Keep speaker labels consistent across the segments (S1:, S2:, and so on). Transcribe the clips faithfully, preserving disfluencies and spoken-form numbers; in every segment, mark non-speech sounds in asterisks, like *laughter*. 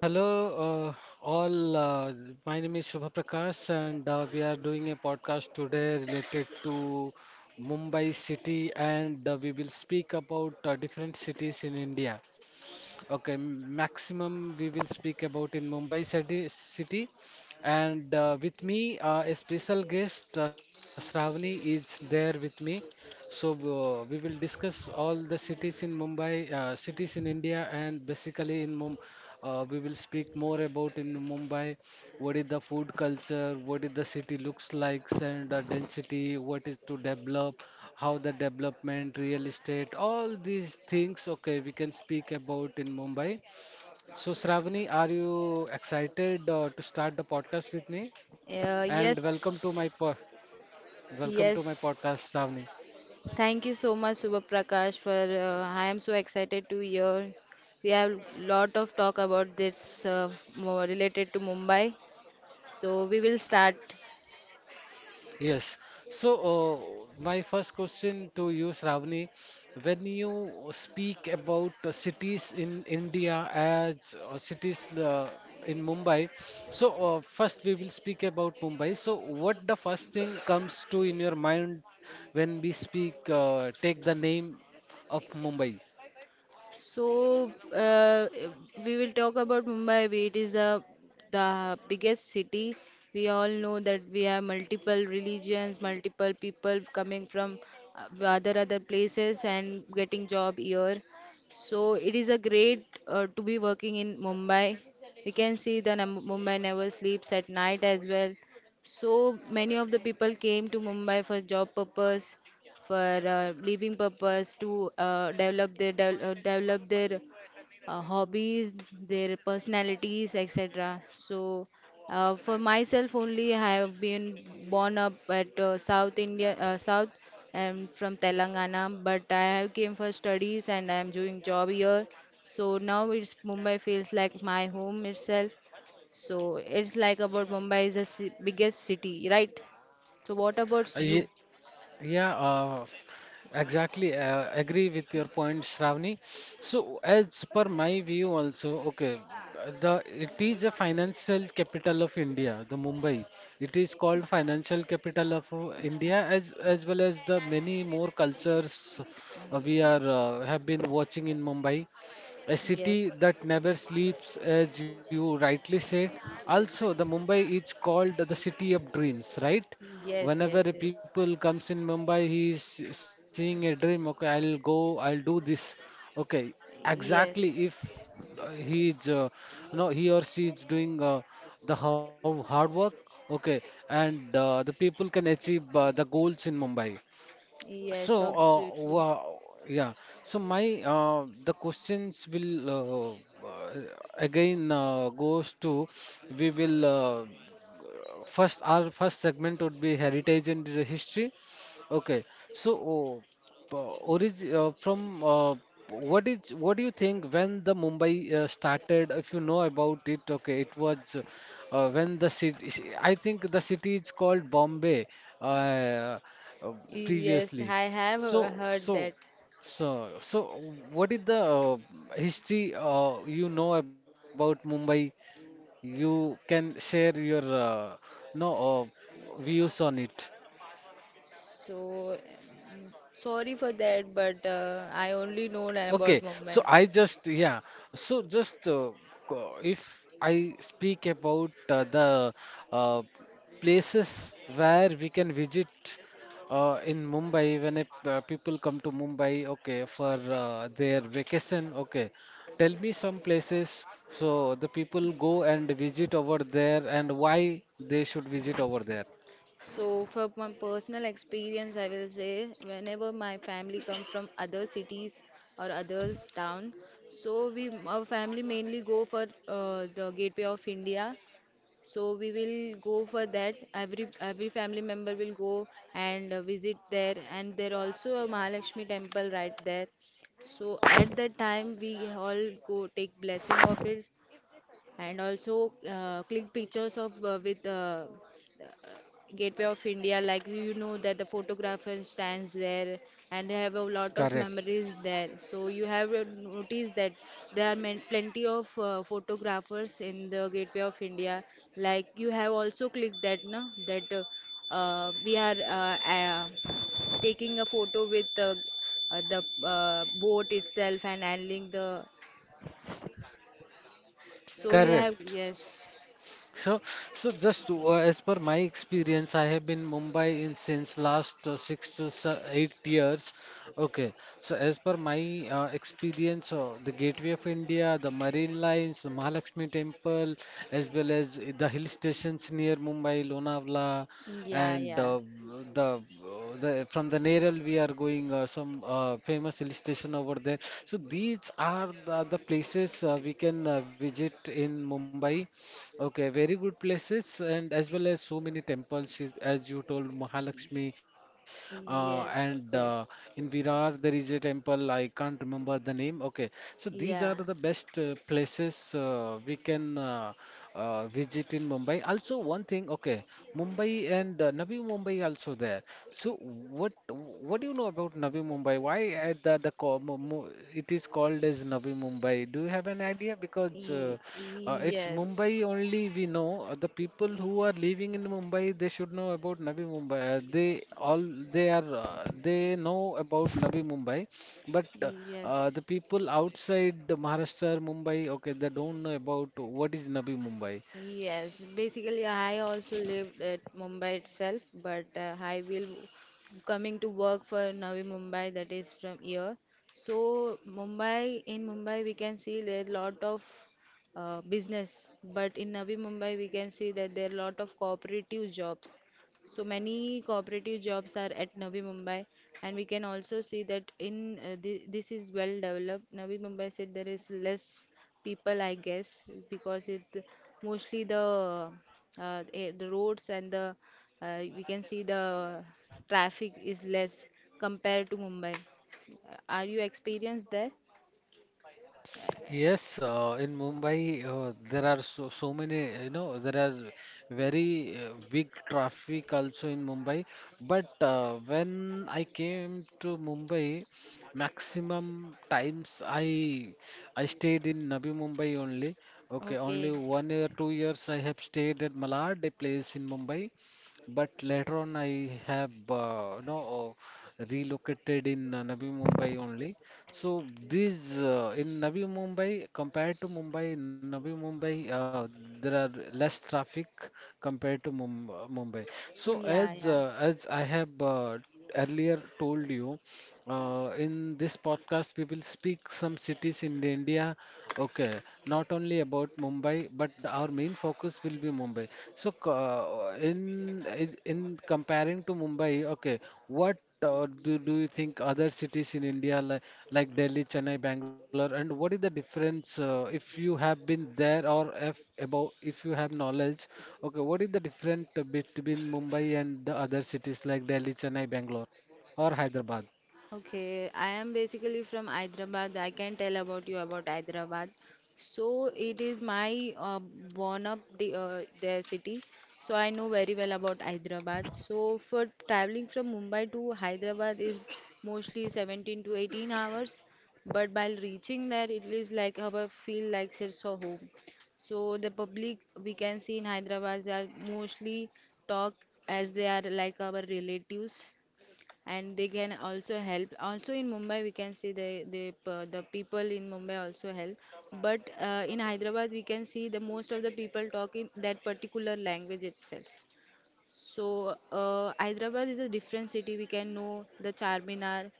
S1: Hello, uh, all. Uh, my name is Shubha Prakash, and uh, we are doing a podcast today related to Mumbai city, and uh, we will speak about uh, different cities in India. Okay, m- maximum we will speak about in Mumbai city, city. And uh, with me, uh, a special guest, uh, Shravani, is there with me. So uh, we will discuss all the cities in Mumbai, uh, cities in India, and basically in Mum uh, we will speak more about in Mumbai what is the food culture, what is the city looks like, and the density, what is to develop, how the development, real estate, all these things, okay, we can speak about in Mumbai. So, Shravani, are you excited uh, to start the podcast with me?
S2: Uh,
S1: And welcome to
S2: yes,
S1: my po welcome to my podcast,
S2: yes.
S1: Shravani.
S2: Thank you so much, Subha Prakash, for uh, I am so excited to hear. We have lot of talk about this uh, more related to Mumbai. So we will start.
S1: Yes. So, uh, my first question to you, Shravani, when you speak about uh, cities in India as uh, cities uh, in Mumbai, so uh, first we will speak about Mumbai. So, what the first thing comes to in your mind when we speak, uh, take the name of Mumbai?
S2: So uh, we will talk about Mumbai. We- It is a the biggest city. We all know that we have multiple religions, multiple people coming from uh, other other places and getting job here. So it is a great uh, to be working in Mumbai. We can see that Mumbai never sleeps at night as well. So many of the people came to Mumbai for job purpose for uh, living purpose to uh, develop their de- uh, develop their uh, hobbies, their personalities, et cetera. So uh, for myself only, I have been born up at uh, South India, uh, South. And from Telangana, but I have came for studies and I'm doing job here. So now it's Mumbai feels like my home itself. So it's like about Mumbai is the ci- biggest city, right? So what about
S1: Uh,
S2: you?
S1: ye- Yeah, uh, f- exactly. Uh, agree with your point, Shravani. So, as per my view, also, okay, uh, the it is a financial capital of India, the Mumbai. It is called financial capital of uh, India, as as well as the many more cultures uh, we are uh, have been watching in Mumbai. A
S2: Yes.
S1: city that never sleeps, as you rightly said. Also, the Mumbai is called the city of dreams, right?
S2: Yes,
S1: Whenever
S2: yes,
S1: a
S2: yes.
S1: people comes in Mumbai, he is seeing a dream. Okay, I'll go. I'll do this. Okay, exactly. If
S2: Yes,
S1: uh, he is, uh, no, he or she is doing uh, the hard hard work. Okay, and uh, the people can achieve uh, the goals in Mumbai. So,
S2: yes,
S1: uh,
S2: absolutely.
S1: wow, yeah. So my uh, the questions will uh, uh, again uh, goes to we will uh, first our first segment would be heritage and history. Okay. So, uh, orig uh, from uh, what is what do you think when the Mumbai uh, started? If you know about it, okay, it was uh, when the city. I think the city is called Bombay uh, uh,
S2: Yes,
S1: previously.
S2: I have uh,
S1: So
S2: heard that.
S1: so so so what is the uh, history uh, you know about Mumbai? You can share your uh, no, uh, views on it.
S2: So, um, sorry for that, but uh, I only know that about
S1: Okay,
S2: Mumbai.
S1: so I just, yeah, so just uh, co- if I speak about uh, the uh, places where we can visit uh, in Mumbai when if, uh, people come to Mumbai, okay, for uh, their vacation, okay, tell me some places so the people go and visit over there and why they should visit over there.
S2: So, for my personal experience, I will say whenever my family come from other cities or other town, so we our family mainly go for uh, the Gateway of India. So we will go for that. Every every family member will go and uh, visit there, and there also a Mahalakshmi temple right there. So at that time we all go take blessing of it, and also uh, click pictures of uh, with uh, uh, Gateway of India. Like you know that the photographer stands there and they have a lot of
S1: Correct.
S2: memories there. So you have uh, noticed that there are men- plenty of uh, photographers in the Gateway of India. Like you have also clicked that, no? That uh, uh, we are uh, uh, taking a photo with the uh, the uh, boat itself and handling the. So you have
S1: Correct.
S2: yes.
S1: So, so just to, uh, as per my experience, I have been Mumbai in since last uh, six to se- eight years. Okay, so as per my uh, experience, uh, the Gateway of India, the Marine Lines, the Mahalakshmi Temple, as well as the hill stations near Mumbai, Lonavala,
S2: Yeah,
S1: and
S2: yeah.
S1: uh, the the from the Neral we are going uh, some uh, famous hill station over there. So these are the, the places uh, we can uh, visit in Mumbai. Okay, very good places, and as well as so many temples, is- as you told, Mahalakshmi, uh, and uh,
S2: Yes,
S1: in
S2: yes.
S1: Virar there is a temple. I can't remember the name. Okay, so these are
S2: Yeah.
S1: the best uh, places uh, we can uh, uh, visit in Mumbai. Also, one thing, okay, Mumbai and uh, Navi Mumbai also there. So what what do you know about Navi Mumbai? Why at the the co- mo- mo- it is called as Navi Mumbai? Do you have an idea? Because uh,
S2: Y-
S1: uh, it's
S2: Yes.
S1: Mumbai only we know. Uh, The people who are living in Mumbai they should know about Navi Mumbai. Uh, they all they are uh, they know about Navi Mumbai, but uh, uh, the
S2: Yes.
S1: people outside the Maharashtra, Mumbai, okay, they don't know about what is Navi Mumbai.
S2: Yes. Basically, I also lived at Mumbai itself, but uh, I will coming to work for Navi Mumbai that is from here. So Mumbai in Mumbai we can see there are lot of uh, business, but in Navi Mumbai we can see that there are lot of cooperative jobs. So many cooperative jobs are at Navi Mumbai, and we can also see that in uh, thi- this is well developed. Navi Mumbai said there is less people, I guess, because it mostly the uh, eh, the roads and the uh, we can see the traffic is less compared to Mumbai. Uh, Are you experienced there?
S1: Yes, uh, in Mumbai, uh, there are so, so many, uh, you know, there are very uh, big traffic also in Mumbai. But uh, when I came to Mumbai, maximum times I I stayed in Navi Mumbai only. Okay, only
S2: Okay.
S1: one year, two years I have stayed at Malad, a place in Mumbai. But later on, I have uh, you know uh, relocated in uh, Navi Mumbai only. So these uh, in Navi Mumbai compared to Mumbai, in Navi Mumbai uh, there are less traffic compared to Mum Mumbai. So
S2: Yeah,
S1: as
S2: yeah.
S1: uh, as I have uh, earlier told you, uh, in this podcast, we will speak some cities in India. Okay, not only about Mumbai, but the- our main focus will be Mumbai. So, c- uh, in in in comparing to Mumbai, okay, what uh, do do you think other cities in India like like Delhi, Chennai, Bangalore, and what is the difference uh, if you have been there or if about if you have knowledge? Okay, what is the difference between Mumbai and the other cities like Delhi, Chennai, Bangalore, or Hyderabad?
S2: Okay, I am basically from Hyderabad. I can tell about you about Hyderabad. So it is my uh, born up the, uh, their city. So I know very well about Hyderabad. So for traveling from Mumbai to Hyderabad is mostly seventeen to eighteen hours, but while reaching there, it is like how I feel like it's a home. So the public we can see in Hyderabad they are mostly talk as they are like our relatives, and they can also help. Also in Mumbai we can see the the p- the people in Mumbai also help, but uh, in Hyderabad we can see the most of the people talk in that particular language itself. So uh, Hyderabad is a different city. We can know the Charminar,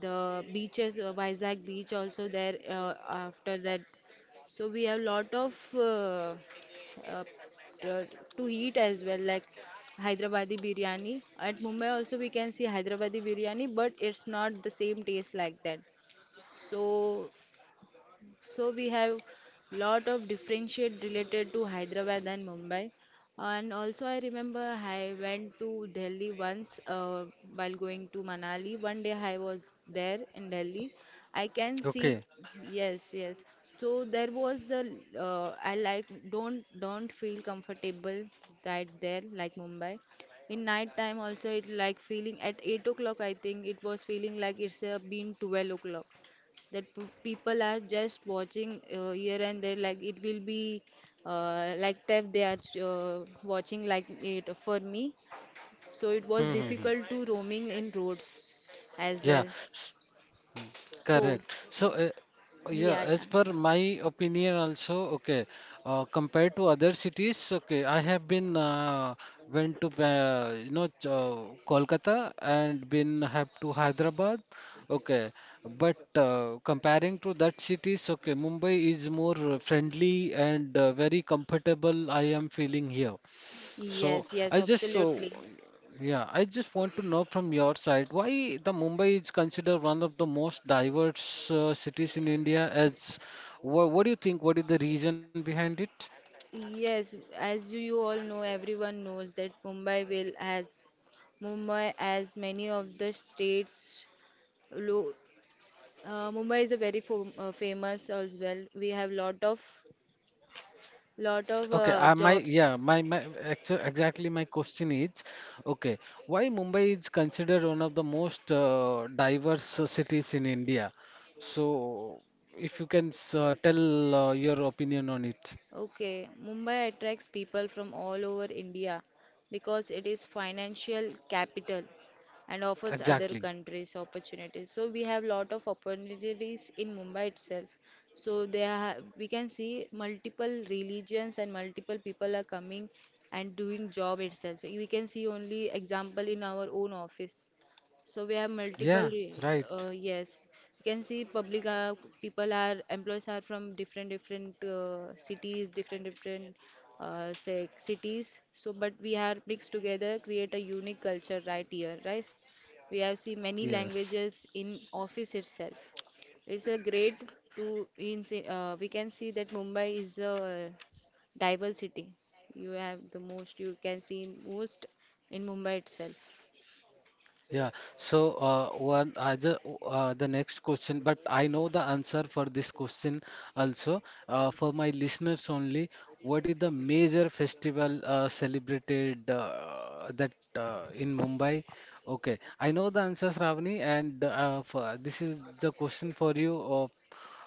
S2: the beaches, uh, Vizag beach also there. Uh, after that, so we have lot of uh, uh, uh, to eat as well, like Hyderabadi biryani. At Mumbai also we can see Hyderabadi biryani, but it's not the same taste like that. So so we have lot of differentiate related to Hyderabad and Mumbai. And also I remember I went to Delhi once uh, while going to Manali. One day I was there in Delhi. I can see.
S1: Okay.
S2: Yes, yes. So there was a uh, I like don't don't feel comfortable right there like Mumbai. In night time also it like feeling at eight o'clock. I think it was feeling like it's uh, been twelve o'clock that p- people are just watching uh, here and there like it will be uh, like theft they are uh, watching like it for me, so it
S1: Hmm.
S2: was
S1: Hmm, hmm.
S2: difficult to roaming in roads as
S1: Yeah.
S2: well.
S1: S- mm,
S2: So
S1: Correct. So, uh, yeah,
S2: yeah,
S1: as
S2: yeah,
S1: per my opinion also, okay, uh, compared to other cities, okay, I have been uh, went to uh, you know Ch- uh, Kolkata and been have to Hyderabad, okay, but uh, comparing to that cities, okay, Mumbai is more friendly and uh, very comfortable. I am feeling here.
S2: yes,
S1: So
S2: yes,
S1: I just so,
S2: absolutely.
S1: yeah, I just want to know from your side why the Mumbai is considered one of the most diverse uh, cities in India. As wha what do you think? What is the reason behind it?
S2: Yes, as you you all know, everyone knows that Mumbai will has Mumbai as many of the states. lo- uh, Mumbai is a very fam- uh, famous as well. We have lot of lot of
S1: Okay,
S2: uh,
S1: uh, my,
S2: jobs.
S1: yeah, my my actu exactly my question is, okay, why Mumbai is considered one of the most uh, diverse uh, cities in India? So if you can s- uh, tell uh, your opinion on it,
S2: Okay, Mumbai attracts people from all over India because it is financial capital and offers other
S1: exactly.
S2: countries opportunities. So we have lot of opportunities in Mumbai itself. So there ha- we can see multiple religions and multiple people are coming and doing job itself. We can see only example in our own office. So we have multiple,
S1: Yeah,
S2: uh,
S1: right.
S2: yes. You can see public are, people are, employees are from different, different uh, cities, different, different uh, say, cities. So, but we are mixed together, create a unique culture right here, right? We have seen many
S1: Yes.
S2: languages in office itself. It's a great to, in, say, uh, we can see that Mumbai is a diversity. You have the most you can see in most in Mumbai itself.
S1: Yeah, so uh, one I just uh, the next question, but I know the answer for this question also. Uh, for my listeners only, what is the major festival uh, celebrated uh, that uh, in Mumbai? Okay, I know the answer, Shravani, and uh, for, this is the question for you. Of,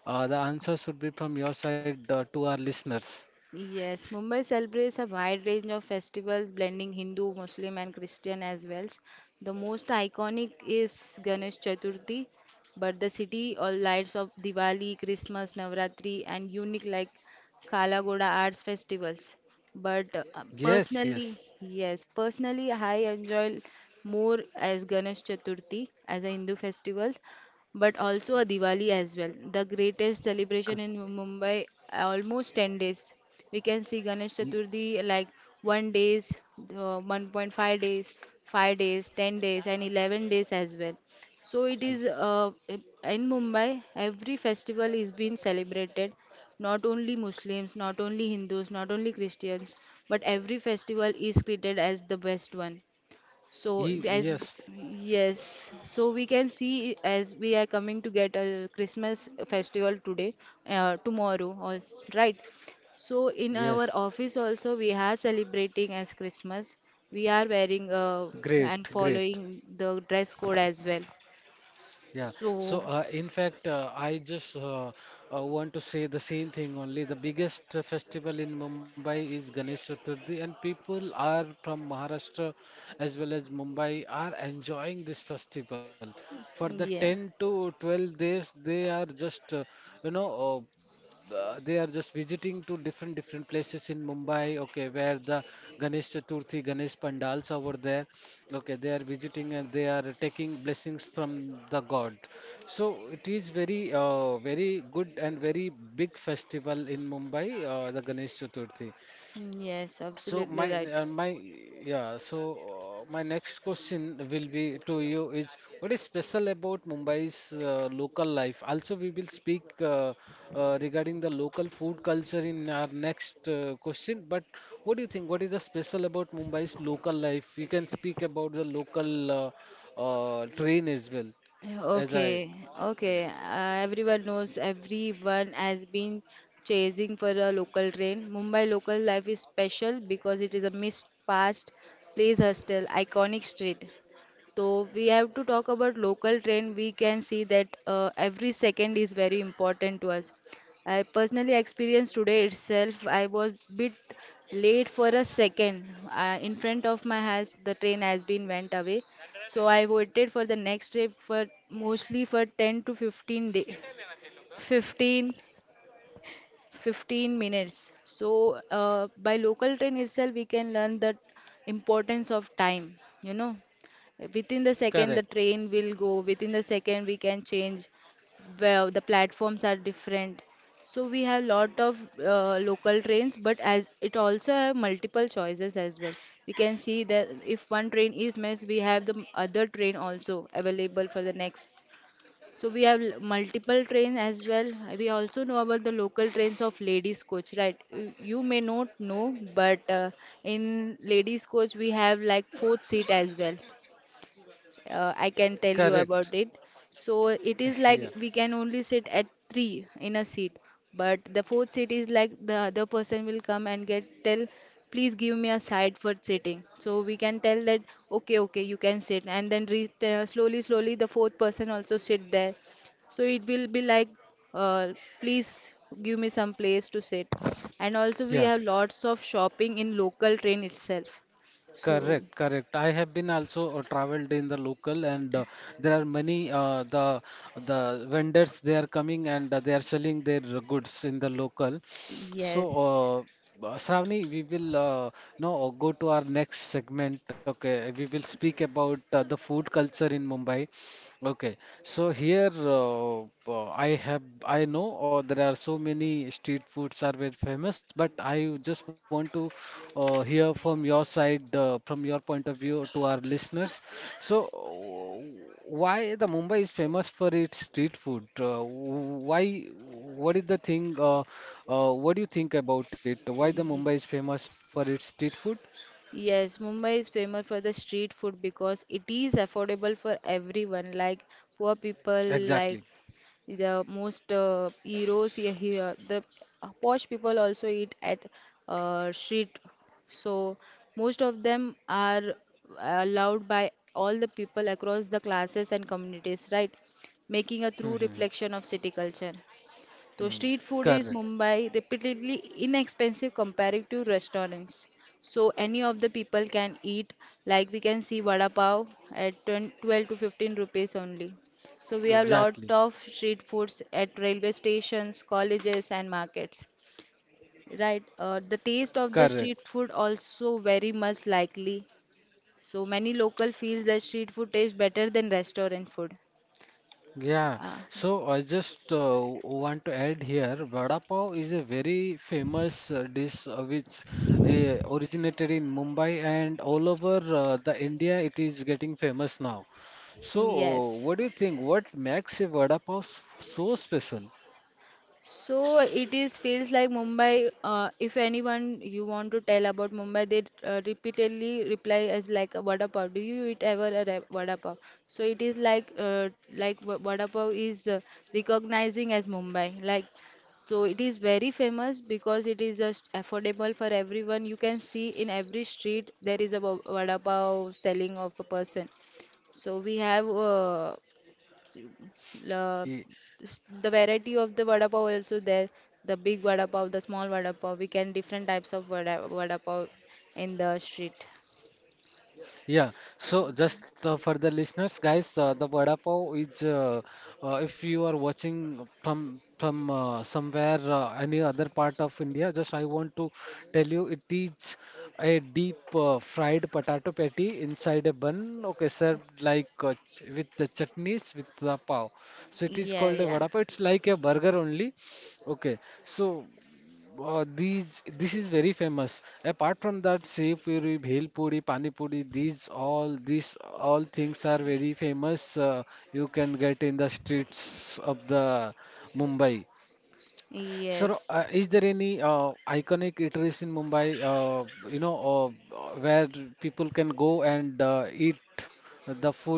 S1: uh, the answer should be from your side uh, to our listeners.
S2: Yes, Mumbai celebrates a wide range of festivals blending Hindu, Muslim, and Christian as well. The most iconic is Ganesh Chaturthi, but the city all lights of Diwali, Christmas, Navratri, and unique like Kalagoda arts festivals. But uh,
S1: Yes, yes,
S2: personally, yes, personally, I enjoy more as Ganesh Chaturthi as a Hindu festival, but also a Diwali as well. The greatest
S1: C-
S2: celebration in Mumbai, almost ten days. We can see Ganesh
S1: y-
S2: Chaturthi like one days, uh, one point five days, five days, ten days, and eleven days as well. So it is uh, in Mumbai, every festival is being celebrated. Not only Muslims, not only Hindus, not only Christians, but every festival is treated as the best one. So
S1: y-
S2: as
S1: yes,
S2: yes, so we can see as we are coming to get a Christmas festival today, uh, tomorrow, or right. So in our
S1: yes.
S2: office also we are celebrating as Christmas. We are wearing uh, and
S1: Great, great.
S2: following the dress code as well.
S1: Yeah. So,
S2: So
S1: uh, in fact, uh, I just uh, uh, want to say the same thing only. The biggest uh, festival in Mumbai is Ganesh Chaturthi, and people are from Maharashtra as well as Mumbai are enjoying this festival. For the
S2: yeah,
S1: ten to twelve days, they are just, uh, you know, uh, uh, they are just visiting to different different places in Mumbai, okay, where the Ganesh Chaturthi, Ganesh Pandals over there. Okay, they are visiting and they are taking blessings from the God. So it is very, uh, very good and very big festival in Mumbai, uh, the Ganesh Chaturthi.
S2: yes,
S1: So
S2: absolutely
S1: my
S2: right.
S1: uh, my yeah. So uh, my next question will be to you is what is special about Mumbai's uh, local life? Also, we will speak uh, uh, regarding the local food culture in our next uh, question. But what do you think? What is the special about Mumbai's local life? You can speak about the local uh, uh, train as well. As I
S2: Okay, okay. Uh, everyone knows everyone has been chasing for a local train. Mumbai local life is special because it is a mixed past place hostel, iconic street. So we have to talk about local train. We can see that uh, every second is very important to us. I personally experienced today itself. I was bit late for a second. Uh, in front of my house, the train has been went away. So I waited for the next trip for mostly for ten to fifteen day, 15 15 minutes. So, uh, by local train itself, we can learn the importance of time, you know. Within the second, the
S1: Correct,
S2: train will go. Within the second, we can change. Well, the platforms are different. So we have lot of uh, local trains, but as it also have multiple choices as well. We can see that if one train is missed, we have the other train also available for the next, so we have l- multiple trains as well. We also know about the local trains of ladies coach, right? Y- You may not know, but uh, in ladies coach we have like fourth seat as well. uh, I can tell you
S1: correct.
S2: about it. So it
S1: *laughs*
S2: is
S1: Yeah,
S2: like we can only sit at three in a seat, but the fourth seat is like the other person will come and get tell, please give me a side for sitting. So we can tell that okay, okay, you can sit, and then re uh, slowly, slowly the fourth person also sit there. So it will be like, uh, please give me some place to sit. And also we
S1: yeah.
S2: have lots of shopping in local train itself. So
S1: Correct, correct. I have been also uh, traveled in the local, and uh, there are many uh, the the vendors they are coming and uh, they are selling their goods in the local. So,
S2: yes.
S1: uh, uh, Shravani, we will uh, now go to our next segment. Okay, we will speak about uh, the food culture in Mumbai. Okay, so here uh, uh, I have I know uh, there are so many street foods are very famous, but I just want to uh, hear from your side, uh, from your point of view to our listeners. So, uh, why the Mumbai is famous for its street food? Uh, why? What is the thing? Uh, uh, what do you think about it? Why the Mumbai is famous for its street food?
S2: Yes, Mumbai is famous for the street food because it is affordable for everyone, like poor people, like
S1: Exactly.
S2: the most uh, heroes here, here. The posh people also eat at uh, street, so most of them are allowed by all the people across the classes and communities, right? Making a true
S1: Hmm, hmm,
S2: reflection of city culture. Though
S1: hmm.
S2: street food is
S1: Correct.
S2: Mumbai repeatedly inexpensive compared to restaurants. So any of the people can eat like we can see vada pav at twenty twelve to fifteen rupees only. So we have lot
S1: Exactly.
S2: of street foods at railway stations, colleges and markets. Right. Uh, the taste of the
S1: Correct.
S2: street food also very much likely. So many local feels that street food tastes better than restaurant food.
S1: Yeah,
S2: Uh,
S1: so I just uh, want to add here, vada pav is a very famous uh, dish uh, which uh, originated in Mumbai and all over uh, the India it is getting famous now. So, uh,
S2: yes.
S1: what do you think? What makes a vada pav s- so special?
S2: So it is feels like Mumbai. Uh, if anyone you want to tell about Mumbai, they uh, repeatedly reply as like a vada pav. Do you eat ever a re- vada pav? So it is like uh, like va- vada pav is uh, recognizing as Mumbai. Like, so it is very famous because it is just affordable for everyone. You can see in every street there is a va- vada pav selling of a person. So we have. Uh, uh,
S1: E,
S2: s- the variety of the vada pav also there, the big vada pav, the small vada pav, we can different types of vada, vada pav in the street.
S1: Yeah, so just uh, for the listeners, guys, uh, the vada pav is uh, uh, if you are watching from from uh, somewhere uh, any other part of India, just I want to tell you it is a deep uh, fried potato patty inside a bun. Okay, served like uh, ch with the chutneys with the pav. So it is
S2: Yeah,
S1: called a
S2: yeah.
S1: vada pav. It's like a burger only. Okay, so uh, these this is very famous. Apart from that, Sev Puri, Bhel Puri, Pani Puri, these all these all things are very famous. Uh, you can get in the streets of the Mumbai. Sir, uh,
S2: Yes.
S1: is there any uh, iconic eateries in Mumbai? Uh, you know, uh, where people can go and uh, eat the food,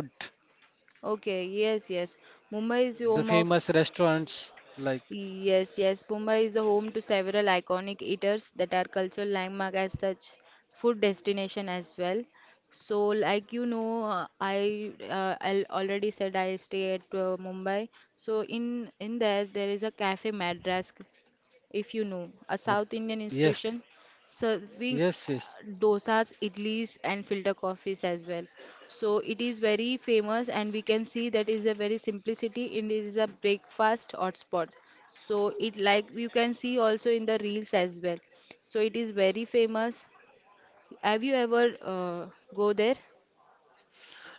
S2: Okay, yes, yes. Mumbai is
S1: the
S2: home of.
S1: famous restaurants like,
S2: Yes, yes. Mumbai is the home to several iconic eaters that are cultural landmark as such food destination as well. So, like, you know, uh, I uh, I already said I stay at uh, Mumbai. So in in there there is a Cafe Madras, if you know, a
S1: Mad-
S2: South Indian
S1: yes,
S2: institution serving
S1: yes, yes.
S2: uh, dosas, idlis, and filter coffees as well. So it is very famous, and we can see that is a very simplicity. It is a breakfast hotspot. So it like you can see also in the reels as well. So it is very famous. Have you ever uh, go there?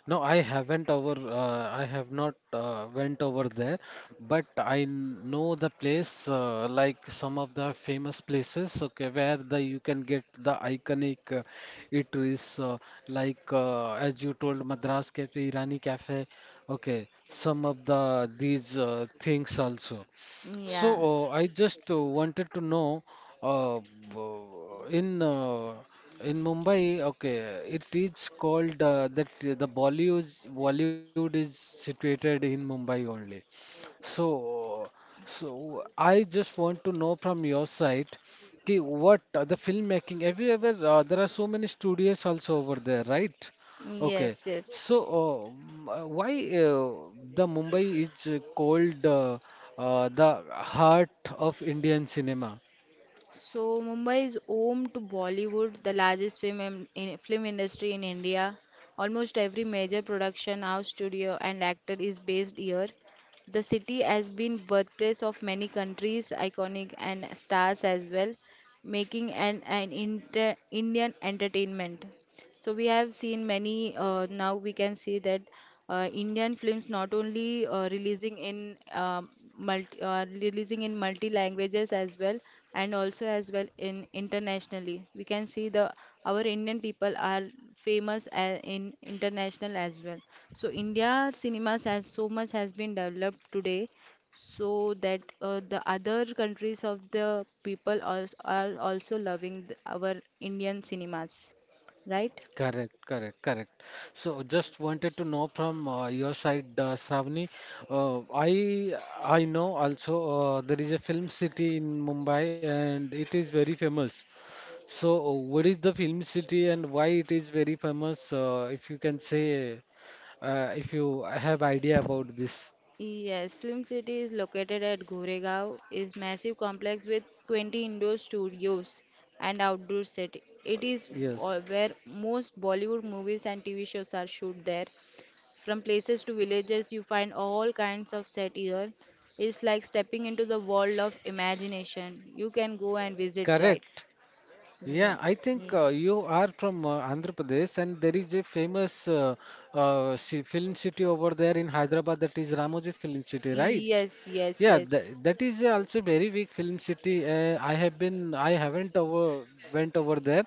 S1: No, I haven't over. Uh, I have not uh, went over there, but I n- know the place, uh, like some of the famous places. Okay, where the you can get the iconic uh, eateries, uh, like uh, as you told, Madras Cafe, Irani Cafe. Okay, some of the these uh, things also. So,
S2: Yeah.
S1: uh, I just uh, wanted to know, uh, w- in uh, in Mumbai, okay, it is called uh, that uh, the Bollywood Bollywood is situated in Mumbai only. So, so I just want to know from your side, ki what uh, the filmmaking? Have you ever? Uh, there are so many studios also over there, right? Okay.
S2: Yes. Yes.
S1: So, uh, m- uh, why uh, the Mumbai is uh, called uh, uh, the heart of Indian cinema?
S2: So Mumbai is home to Bollywood, the largest film in, in- film industry in India. Almost every major production house, studio, and actor is based here. The city has been birthplace of many countries, iconic and stars as well, making an, an inter, Indian entertainment. So we have seen many. Uh, now we can see that uh, Indian films not only uh, releasing in um multi, uh, releasing in multi languages as well, and also as well in internationally. We can see the our Indian people are famous a- in international as well. So India cinemas has so much has been developed today so that uh, the other countries of the people also are also loving th- our Indian cinemas, right?
S1: Correct, correct, correct. So just wanted to know from uh, your side, uh, Shravani. Uh, I I know also uh, there is a film city in Mumbai and it is very famous. So uh, what is the film city and why it is very famous? Uh, if you can say, uh, if you have idea about this.
S2: Yes, Film City is located at Goregaon, is massive complex with twenty indoor studios and outdoor set. It is all-
S1: Yes,
S2: where most Bollywood movies and T V shows are shoot there. From places to villages, you find all kinds of set here. It's like stepping into the world of imagination. You can go and visit, right?
S1: correct.
S2: Yeah.
S1: Yeah, I think
S2: Yeah.
S1: uh, you are from uh, Andhra Pradesh, and there is a famous uh, uh, ci- film city over there in Hyderabad that is Ramoji Film City, right?
S2: Yes, yes,
S1: Yeah, th
S2: yes.
S1: that is also very big film city. Uh, I have been, I haven't over went over there,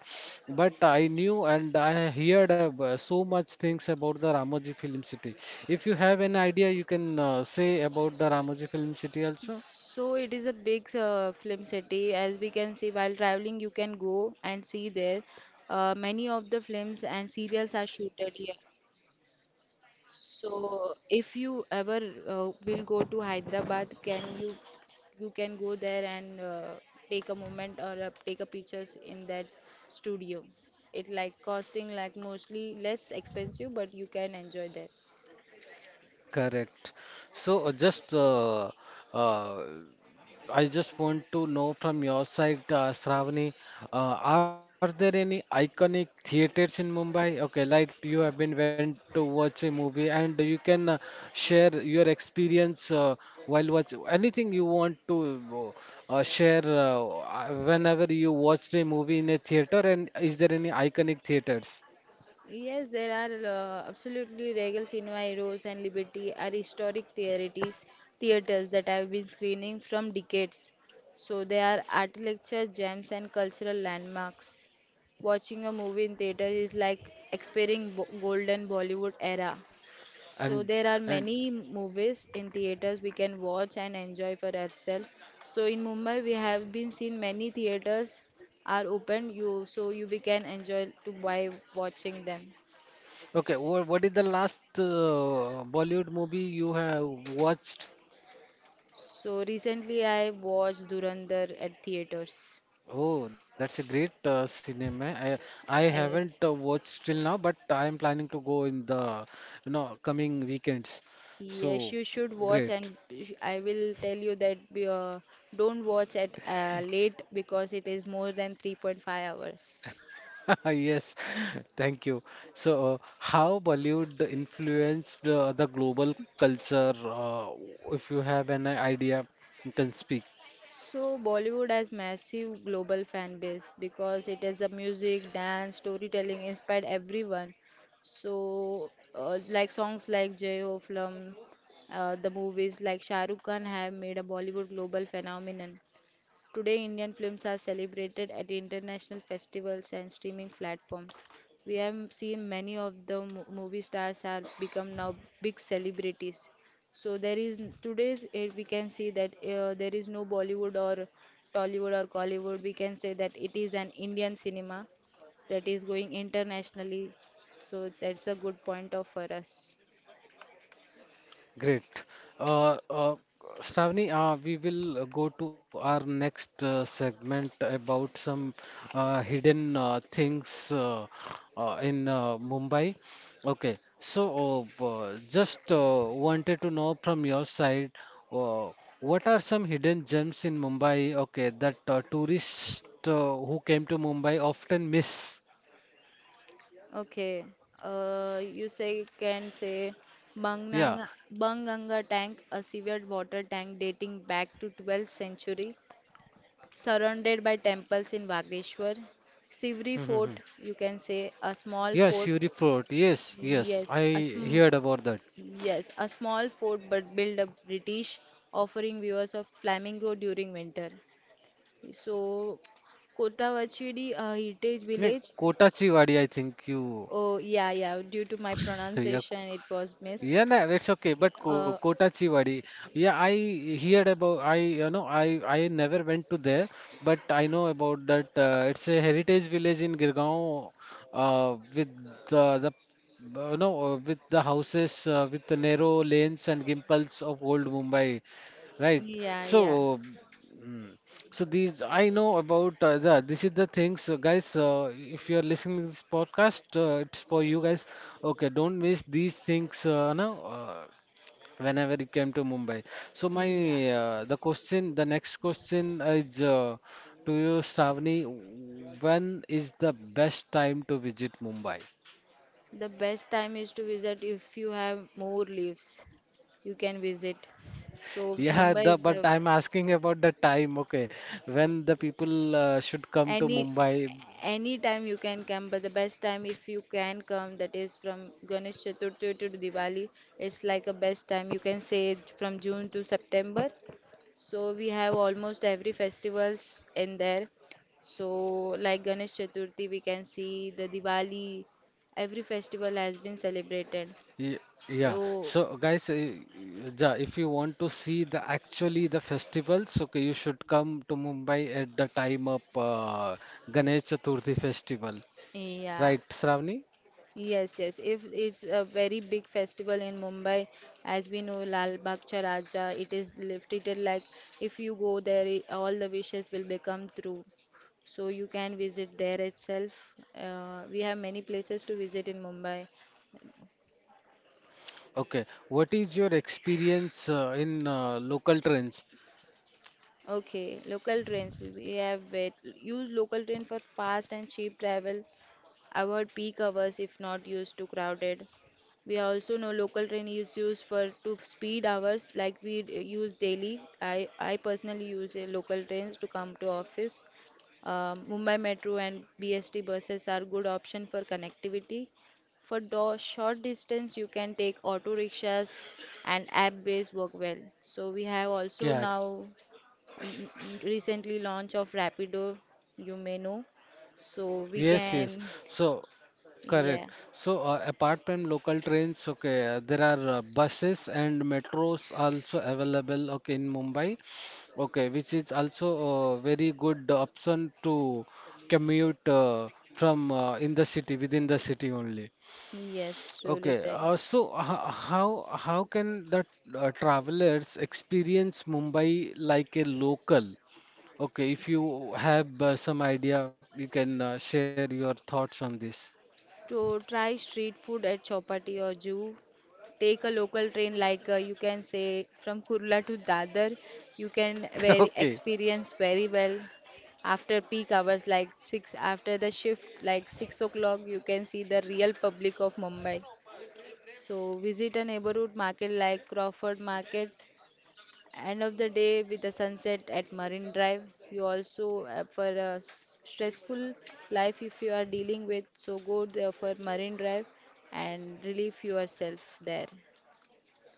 S1: but I knew and I heard ab- uh, so much things about the Ramoji Film City. If you have an idea, you can uh, say about the Ramoji Film City also.
S2: So it is a big uh, film city, as we can see while traveling you can go and see there. Uh, many of the films and serials are shooted here. So if you ever uh, will go to Hyderabad, can you you can go there and uh, take a moment or uh, take a pictures in that studio. It like costing like mostly less expensive, but you can enjoy there.
S1: Correct. So uh, just uh, uh, I just want to know from your side, uh, Shravani, uh, are there any iconic theaters in Mumbai? Okay, like you have been went to watch a movie, and you can uh, share your experience uh, while watch anything you want to uh, share uh, uh, whenever you watched a movie in a theater. And is there any iconic theaters?
S2: Yes, there are uh, absolutely regals in my Rose and Liberty are historic theatrities, theaters that have been screening from decades. So they are architecture gems and cultural landmarks. Watching a movie in theater is like experiencing bo- golden Bollywood era. So
S1: And
S2: there are
S1: and
S2: many movies in theaters we can watch and enjoy for ourselves. So in Mumbai we have been seen many theaters are open, you, so you we can enjoy to by watching them.
S1: Okay, what what is the last uh, Bollywood movie you have watched?
S2: So recently I watched Durandar at theaters.
S1: Oh, that's a great uh, cinema. I I haven't uh,
S2: Yes,
S1: watched till now, but I am planning to go in the you know coming weekends.
S2: yes,
S1: So
S2: you should watch,
S1: great.
S2: and sh- I will tell you that uh, don't watch at uh, late because it is more than three point five hours.
S1: *laughs* Yes, *laughs* thank you. So, uh, how Bollywood influenced uh, the global culture? Uh, if you have an idea, you can speak.
S2: So Bollywood has massive global fan base because it has a music, dance, storytelling inspired everyone. So uh, like songs like Jai Ho Flum, uh, the movies like Shah Rukh Khan have made a Bollywood global phenomenon. Today, Indian films are celebrated at international festivals and streaming platforms. We have seen many of the mo- movie stars have become now big celebrities. So there is n- today's eh, we can see that uh, there is no Bollywood or Tollywood or Collywood. We can say that it is an Indian cinema that is going internationally. So that's a good point of for us.
S1: Great. Uh, uh, Shravani, uh, we will uh, go to our next uh, segment about some uh, hidden uh, things uh, uh, in uh, Mumbai. Okay, so uh, uh, just uh, wanted to know from your side, uh, what are some hidden gems in Mumbai? Okay, that uh, tourists uh, who came to Mumbai often miss.
S2: Okay. Uh, you say can say
S1: Yeah.
S2: Banganga Banganga tank, a severed water tank dating back to twelfth century, surrounded by temples in Bageshwar. Sivri
S1: Hmm, hmm, hmm.
S2: Fort, you can say a small
S1: Yeah,
S2: fort.
S1: Suri Fort. Yes, yes,
S2: Yes, a
S1: I
S2: sm
S1: heard about that.
S2: yes, a small fort but built up British, offering viewers of flamingo during winter. So Kotavachidi, a heritage
S1: No,
S2: village.
S1: Kotachi I think you.
S2: Oh, yeah, yeah. Due to my
S1: Yeah,
S2: pronunciation, it was missed.
S1: yeah, no, it's okay. But Ko
S2: Uh,
S1: Kotachi yeah, I heard about. I you know, I I never went to there, but I know about that. Uh, it's a heritage village in Girgaon, uh, with the the uh, you know uh, with the houses uh, with the narrow lanes and gimbals of old Mumbai, right?
S2: yeah, yeah,
S1: So. Mm, so these I know about uh, the this is the things, uh, guys, uh, if you are listening to this podcast, uh, it's for you guys. Okay, don't miss these things, uh, no uh, whenever you came to Mumbai. So my
S2: yeah.
S1: uh, the question the next question is uh, to you, Shravani: when is the best time to visit Mumbai?
S2: The best time is to visit if you have more leaves. You can visit. So
S1: Yeah,
S2: Mumbai
S1: the
S2: is
S1: but
S2: a,
S1: I'm asking about the time, okay, when the people uh, should come to
S2: any
S1: Mumbai.
S2: any time you can come, but the best time if you can come, that is from Ganesh Chaturthi to Diwali. It's like a best time. You can say from June to September. So we have almost every festivals in there. So like Ganesh Chaturthi, we can see the Diwali. Every festival has been celebrated.
S1: Ye- Yeah.
S2: So
S1: So guys, uh, yeah, if you want to see the actually the festivals, okay, you should come to Mumbai at the time of uh, Ganesh Chaturthi festival,
S2: yeah,
S1: right, Shravani?
S2: yes, yes. If it's a very big festival in Mumbai, as we know, Lal Bagh Raja, it is lifted like if you go there, i- all the wishes will become true. So you can visit there itself. Uh, we have many places to visit in Mumbai.
S1: Okay. What is your experience uh, in uh, local trains?
S2: Okay, local trains. We have wait. Use local train for fast and cheap travel. Avoid peak hours if not used to crowded. We also know local train is used for to speed hours like we d- use daily. I I personally use a local trains to come to office. Uh, Mumbai Metro and B S T buses are good option for connectivity. For do short distance, you can take auto rickshaws and app-based work well. So we have also
S1: Yeah.
S2: now mm, recently launch of Rapido, you may know. So we
S1: Yes, yes.
S2: can,
S1: So. Correct.
S2: yeah,
S1: So, uh, apart from local trains, okay, uh, there are uh, buses and metros also available, okay, in Mumbai, okay, which is also a very good option to commute uh, from uh, in the city, within the city only.
S2: yes, really
S1: Okay,
S2: said.
S1: uh, so ho- how how can the uh, travelers experience Mumbai like a local? Okay, if you have uh, some idea, you can uh, share your thoughts on this.
S2: To try street food at Chopati or Juhu, take a local train like uh, you can say from Kurla to Dadar, you can
S1: *laughs*
S2: very
S1: Okay.
S2: experience very well after peak hours like six after the shift like six o'clock you can see the real public of Mumbai. So visit a neighborhood market like Crawford Market. End of the day with the sunset at Marine Drive, you also uh, for a s- stressful life if you are dealing with, so go there for Marine Drive and relieve yourself there.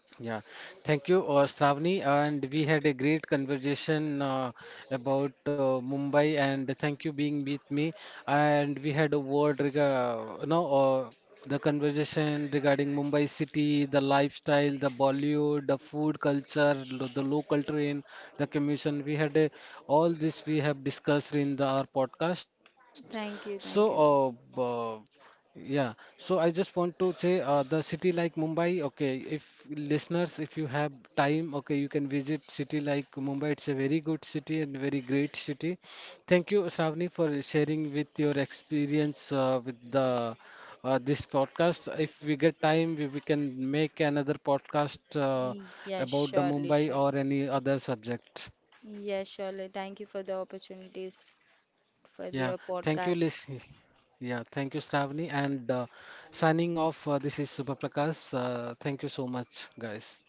S1: Yeah, thank you, uh, Shravani, and we had a great conversation uh, about uh, Mumbai, and thank you being with me. And we had a word, rega- you know, uh, the conversation regarding Mumbai city, the lifestyle, the Bollywood, the food culture, lo- the local train, the commission. We had a, all this we have discussed in the, our podcast. So,
S2: Thank you, thank you.
S1: uh, yeah, so I just want to say uh, the city like Mumbai, okay, if listeners, if you have time, okay, you can visit city like Mumbai. It's a very good city and very great city. Thank you, Shravani, for sharing with your experience uh, with the uh, this podcast. If we get time, we, we can make another podcast uh,
S2: Yes,
S1: about the
S2: surely,
S1: Mumbai
S2: surely.
S1: or any other subject.
S2: Yes, surely. Thank you for the opportunities for
S1: Yeah,
S2: your
S1: thank you,
S2: podcast.
S1: Lish. Yeah, thank you, Shravani. And uh, signing off, uh, this is Subha Prakash. Uh, thank you so much, guys.